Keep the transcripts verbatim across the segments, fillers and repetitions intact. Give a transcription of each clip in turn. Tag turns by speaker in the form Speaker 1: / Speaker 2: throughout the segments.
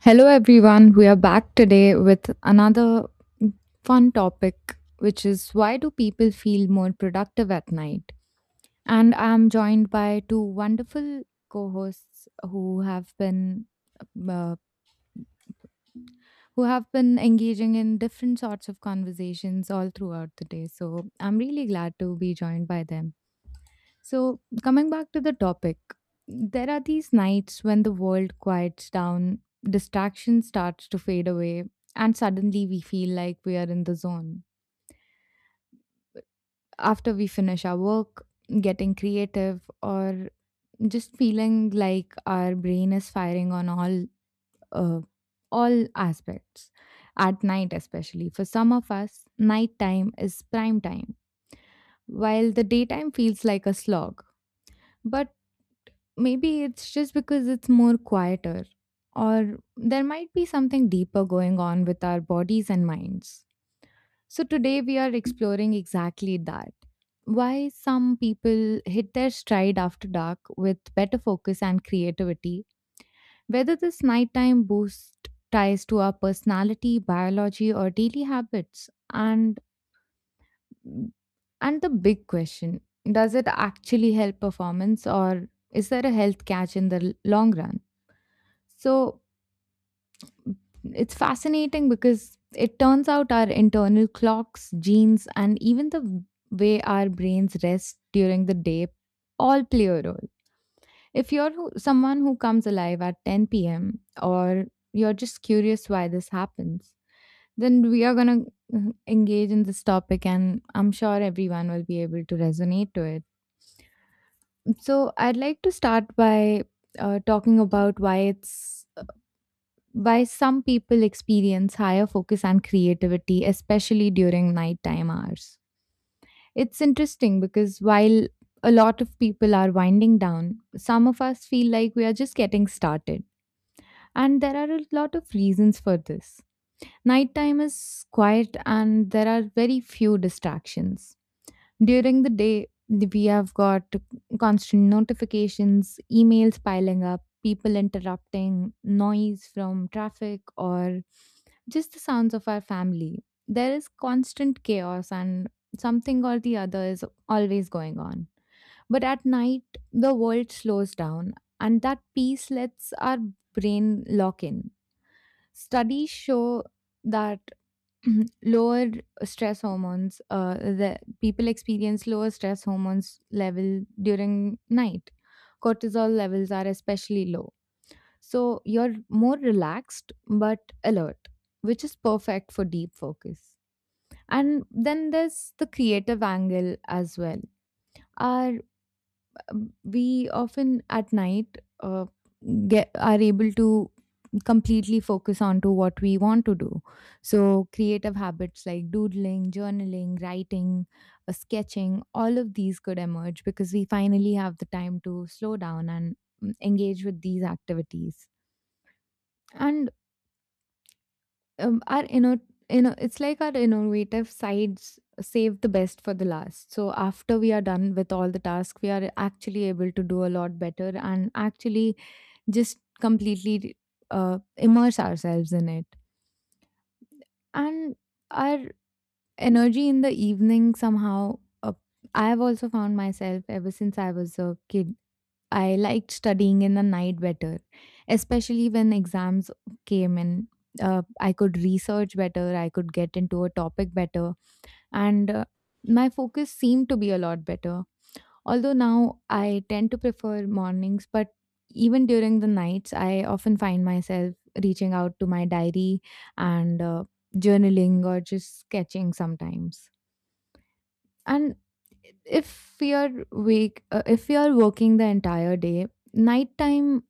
Speaker 1: Hello, everyone. We are back today with another fun topic, which is why do people feel more productive at night? And I'm joined by two wonderful co hosts who have been. Uh, who have been engaging in different sorts of conversations all throughout the day. So I'm really glad to be joined by them. So, coming back to the topic, there are these nights when the world quiets down, distraction starts to fade away, and suddenly we feel like we are in the zone. After we finish our work, getting creative, or just feeling like our brain is firing on all uh, all aspects. At night, especially for some of us, nighttime is prime time, while the daytime feels like a slog. But maybe it's just because it's more quieter, or there might be something deeper going on with our bodies and minds. So, today we are exploring exactly that. Why some people hit their stride after dark with better focus and creativity, whether this nighttime boost ties to our personality, biology, or daily habits, and and the big question, does it actually help performance or is there a health catch in the l- long run? So m- it's fascinating because it turns out our internal clocks, genes, and even the w- way our brains rest during the day all play a role. If you're who, someone who comes alive at ten p m, or you're just curious why this happens, then we are going to engage in this topic, and I'm sure everyone will be able to resonate to it. So, I'd like to start by uh, talking about why it's why some people experience higher focus and creativity, especially during nighttime hours. It's interesting because while a lot of people are winding down, some of us feel like we are just getting started. And there are a lot of reasons for this. Nighttime is quiet and there are very few distractions. During the day, th- we have got constant notifications, emails piling up, people interrupting, noise from traffic, or just the sounds of our family. There is constant chaos, and something or the other is always going on. But at night, the world slows down, and that peace lets our brain lock in. Studies show that Mhm. lower stress hormones, uh, the people experience lower stress hormones level during night. Cortisol levels are especially low, so you're more relaxed but alert, which is perfect for deep focus. And then there's the creative angle as well. Our um, We often at night uh, get, are able to completely focus on to what we want to do. So creative habits like doodling, journaling, writing, uh, sketching, all of these could emerge because we finally have the time to slow down and mm, engage with these activities. And um, our inno- inno- it's like our innovative sides save the best for the last. So after we are done with all the tasks, we are actually able to do a lot better and actually just completely uh, immerse ourselves in it. And our energy in the evening somehow. uh, I have also found myself, ever since I was a kid, I liked studying in the night better, especially when exams came in. Uh, I could research better, I could get into a topic better, and uh, my focus seemed to be a lot better. Although now I tend to prefer mornings, but even during the nights, I often find myself reaching out to my diary and uh, journaling or just sketching sometimes. And if we are wake uh, if we are working the entire day, nighttime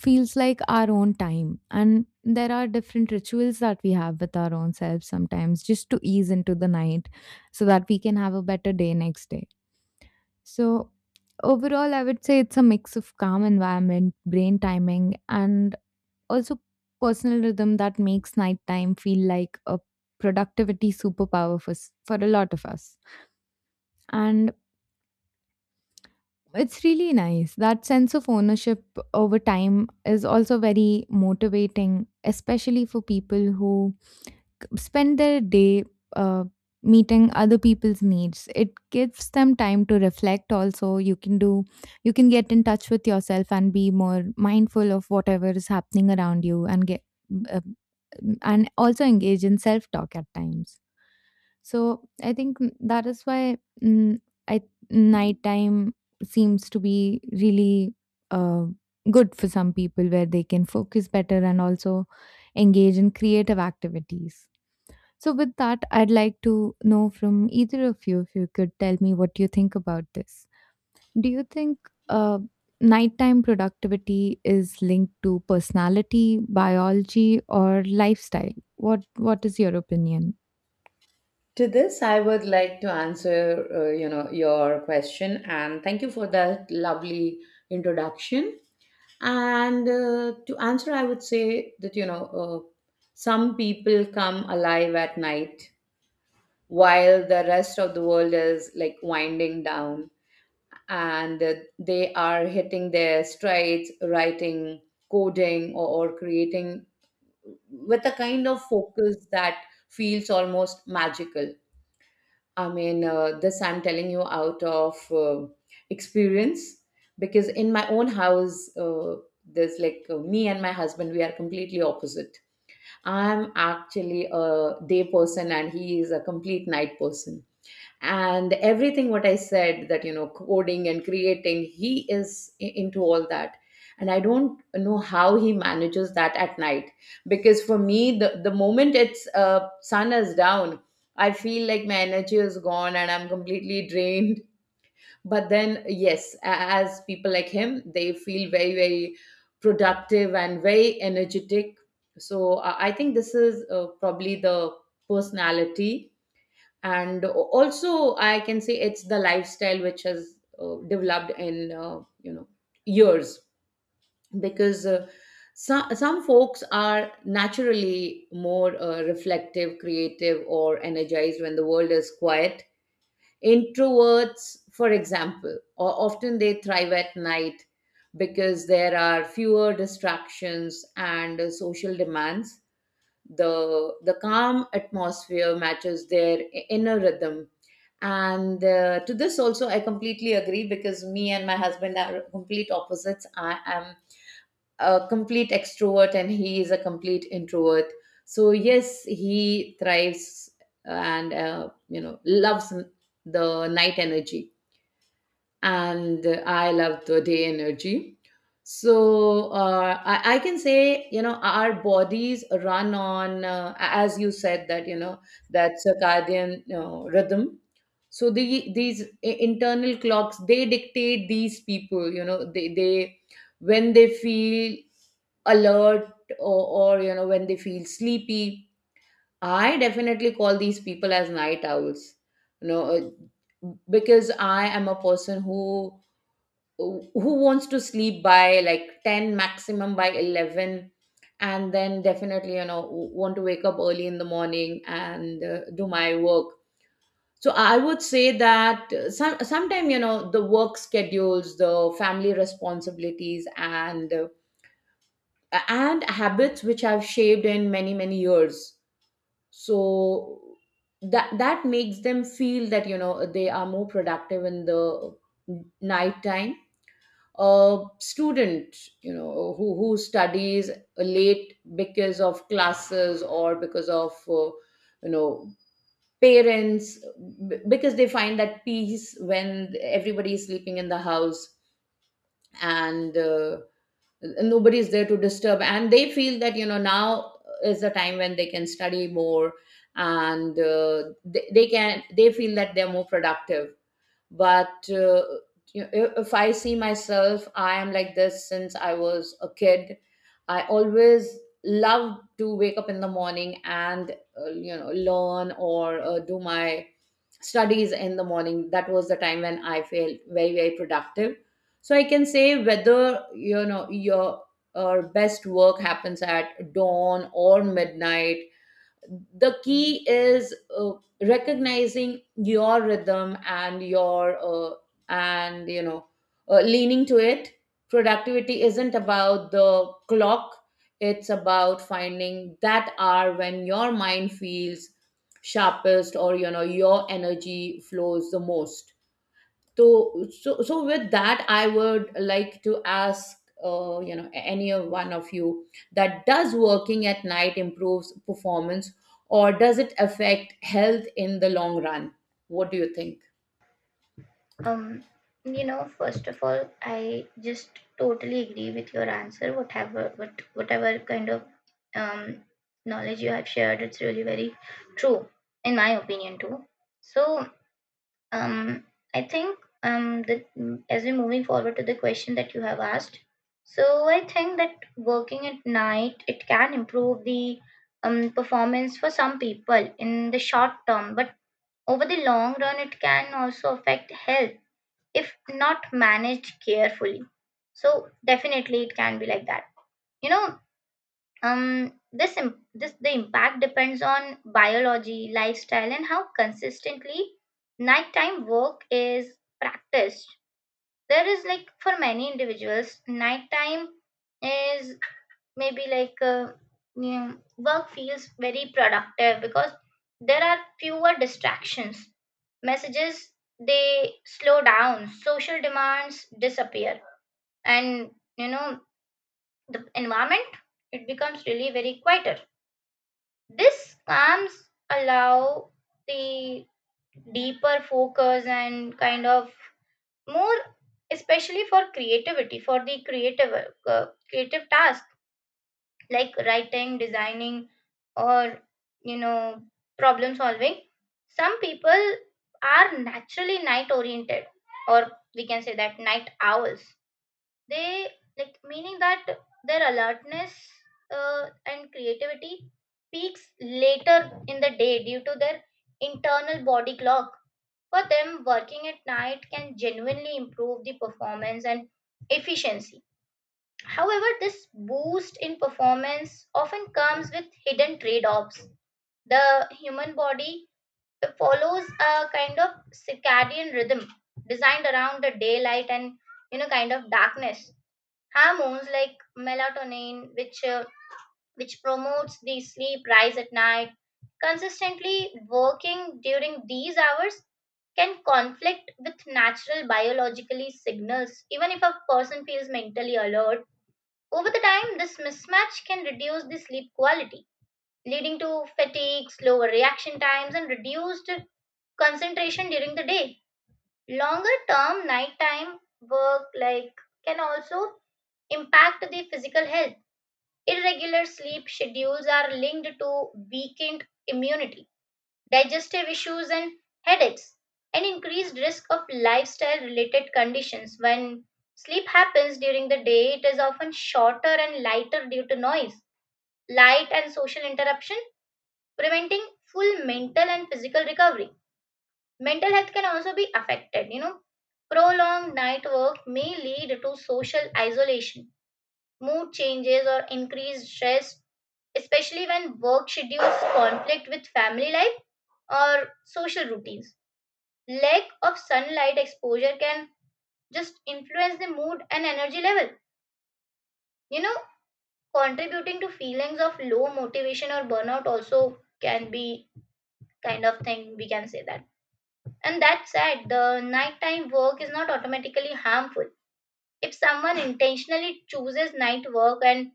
Speaker 1: feels like our own time, and there are different rituals that we have with our own selves sometimes, just to ease into the night so that we can have a better day next day. So overall, I would say it's a mix of calm environment, brain timing, and also personal rhythm that makes nighttime feel like a productivity superpower for s- for a lot of us. And it's really nice. That sense of ownership over time is also very motivating, especially for people who c- spend their day uh, meeting other people's needs. It gives them time to reflect. Also you can do, you can get in touch with yourself and be more mindful of whatever is happening around you and get, uh, and also engage in self talk at times. So I think, mm, that is why, mm, I, nighttime seems to be really uh, good for some people where they can focus better and also engage in creative activities. So with that, I'd like to know from either of you if you could tell me what you think about this. Do you think uh, nighttime productivity is linked to personality, biology, or lifestyle? What What is your opinion?
Speaker 2: To this, I would like to answer, uh, you know, your question, and thank you for that lovely introduction. And uh, to answer, I would say that you know, uh, some people come alive at night, while the rest of the world is like winding down, and uh, they are hitting their strides, writing, coding, or, or creating with a kind of focus that feels almost magical. I mean, uh, this I'm telling you out of uh, experience, because in my own house, uh, there's like uh, me and my husband, we are completely opposite. I'm actually a day person and he is a complete night person, and everything what I said that you know coding and creating, he is i- into all that, and I don't know how he manages that at night. Because for me, the, the moment it's uh, sun is down, I feel like my energy is gone and I'm completely drained. But then yes, a- as people like him, they feel very, very productive and very energetic. So i I think this is uh, probably the personality, and also I can say it's the lifestyle which has uh, developed in uh, you know years. Because uh, some, some folks are naturally more uh, reflective, creative, or energized when the world is quiet. Introverts, for example, or often they thrive at night because there are fewer distractions and uh, social demands. The the calm atmosphere matches their inner rhythm. And uh, to this also I completely agree, because me and my husband are complete opposites. I am a complete extrovert and he is a complete introvert. So yes, he thrives and uh, you know loves the night energy, and I love the day energy. So uh, I, I can say, you know, our bodies run on, uh, as you said, that, you know, that circadian uh, rhythm. So the, these i- internal clocks, they dictate these people, you know, they, they when they feel alert, or, or, you know, when they feel sleepy. I definitely call these people as night owls. You know, uh, because I am a person who who wants to sleep by like ten maximum by eleven, and then definitely you know want to wake up early in the morning and uh, do my work. So I would say that uh, some sometime you know the work schedules, the family responsibilities, and uh, and habits which I've shaped in many, many years. So that that makes them feel that you know they are more productive in the night time a student, you know, who who studies late because of classes or because of uh, you know parents, b- because they find that peace when everybody is sleeping in the house, and uh, nobody is there to disturb, and they feel that you know now is the time when they can study more, and uh, they, they can they feel that they're more productive. But uh, you know, if if I see myself, I am like this since I was a kid. I always love to wake up in the morning and uh, you know learn or uh, do my studies in the morning. That was the time when I felt very, very productive. So I can say whether you know your uh, best work happens at dawn or midnight, the key is uh, recognizing your rhythm and your uh, and you know uh, leaning to it. Productivity isn't about the clock. It's about finding that hour when your mind feels sharpest, or you know your energy flows the most. So so so with that, I would like to ask uh, you know any of one of you that does working at night improves performance, or does it affect health in the long run? What do you think?
Speaker 3: Um, you know, First of all, I just totally agree with your answer. Whatever, what, whatever kind of um, knowledge you have shared, it's really very true, in my opinion too. So, um, I think um, that mm, as we're moving forward to the question that you have asked, so I think that working at night it can improve the um, performance for some people in the short term, but over the long run, it can also affect health if not managed carefully. So definitely it can be like that. you know um this im- this the impact depends on biology, lifestyle, and how consistently nighttime work is practiced. There is, like, for many individuals nighttime is maybe like uh, mm, work feels very productive because there are fewer distractions, messages, they slow down, social demands disappear, and, you know, the environment, it becomes really very quieter. This calms, allow the deeper focus and kind of more, especially for creativity, for the creative uh, creative task, like writing, designing, or, you know, problem solving. Some people are naturally night oriented, or we can say that night owls, they, like, meaning that their alertness uh, and creativity peaks later in the day due to their internal body clock. For them, working at night can genuinely improve the performance and efficiency. However, this boost in performance often comes with hidden trade-offs. The human body follows a kind of circadian rhythm designed around the daylight and, you know, kind of darkness. Hormones like melatonin which uh, which promotes the sleep rise at night. Consistently working during these hours can conflict with natural biologically signals even if a person feels mentally alert. Over the time, this mismatch can reduce the sleep quality, leading to fatigue, slower reaction times, and reduced concentration during the day. Longer term, nighttime work, like, can also impact the physical health. Irregular sleep schedules are linked to weakened immunity, digestive issues, and headaches, and increased risk of lifestyle related conditions. When sleep happens during the day, it is often shorter and lighter due to noise, light, and social interruption, preventing full mental and physical recovery. Mental health can also be affected, you know. Prolonged night work may lead to social isolation, mood changes, or increased stress, especially when work schedules conflict with family life or social routines. Lack of sunlight exposure can just influence the mood and energy level. You know, contributing to feelings of low motivation or burnout also can be kind of thing we can say that. And that said, the nighttime work is not automatically harmful. If someone intentionally chooses night work and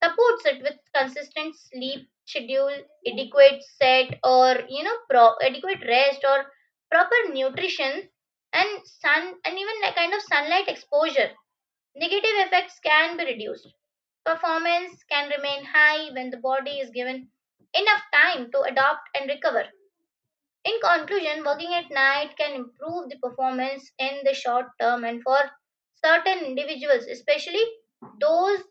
Speaker 3: supports it with consistent sleep schedule, adequate set or you know pro- adequate rest or proper nutrition and sun and even a kind of sunlight exposure, negative effects can be reduced. Performance can remain high when the body is given enough time to adapt and recover. In conclusion, working at night can improve the performance in the short term and for certain individuals, especially those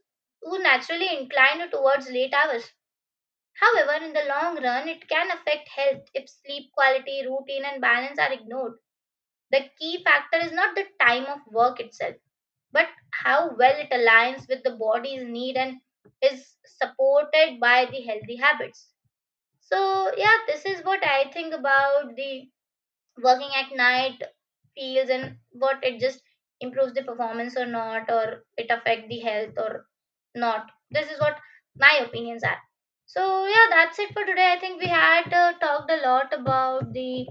Speaker 3: who naturally incline towards late hours. However, in the long run, it can affect health if sleep quality, routine, and balance are ignored. The key factor is not the time of work itself, but how well it aligns with the body's need and is supported by the healthy habits. So, yeah, this is what I think about the working at night feels and what it just improves the performance or not or it affect the health or not. This is what my opinions are. So yeah, that's it for today. I think we had uh, talked a lot about the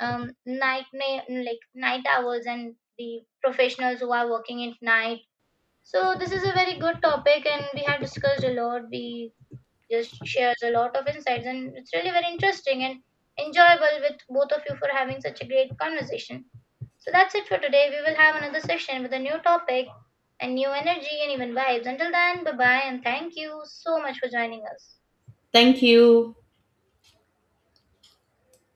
Speaker 3: um, night na- like night hours and the professionals who are working at night. So this is a very good topic and we have discussed a lot, we just shares a lot of insights and it's really very interesting and enjoyable with both of you for having such a great conversation. So that's it for today. We will have another session with a new topic and new energy and even vibes. Until then, bye bye and thank you so much for joining us.
Speaker 2: Thank you.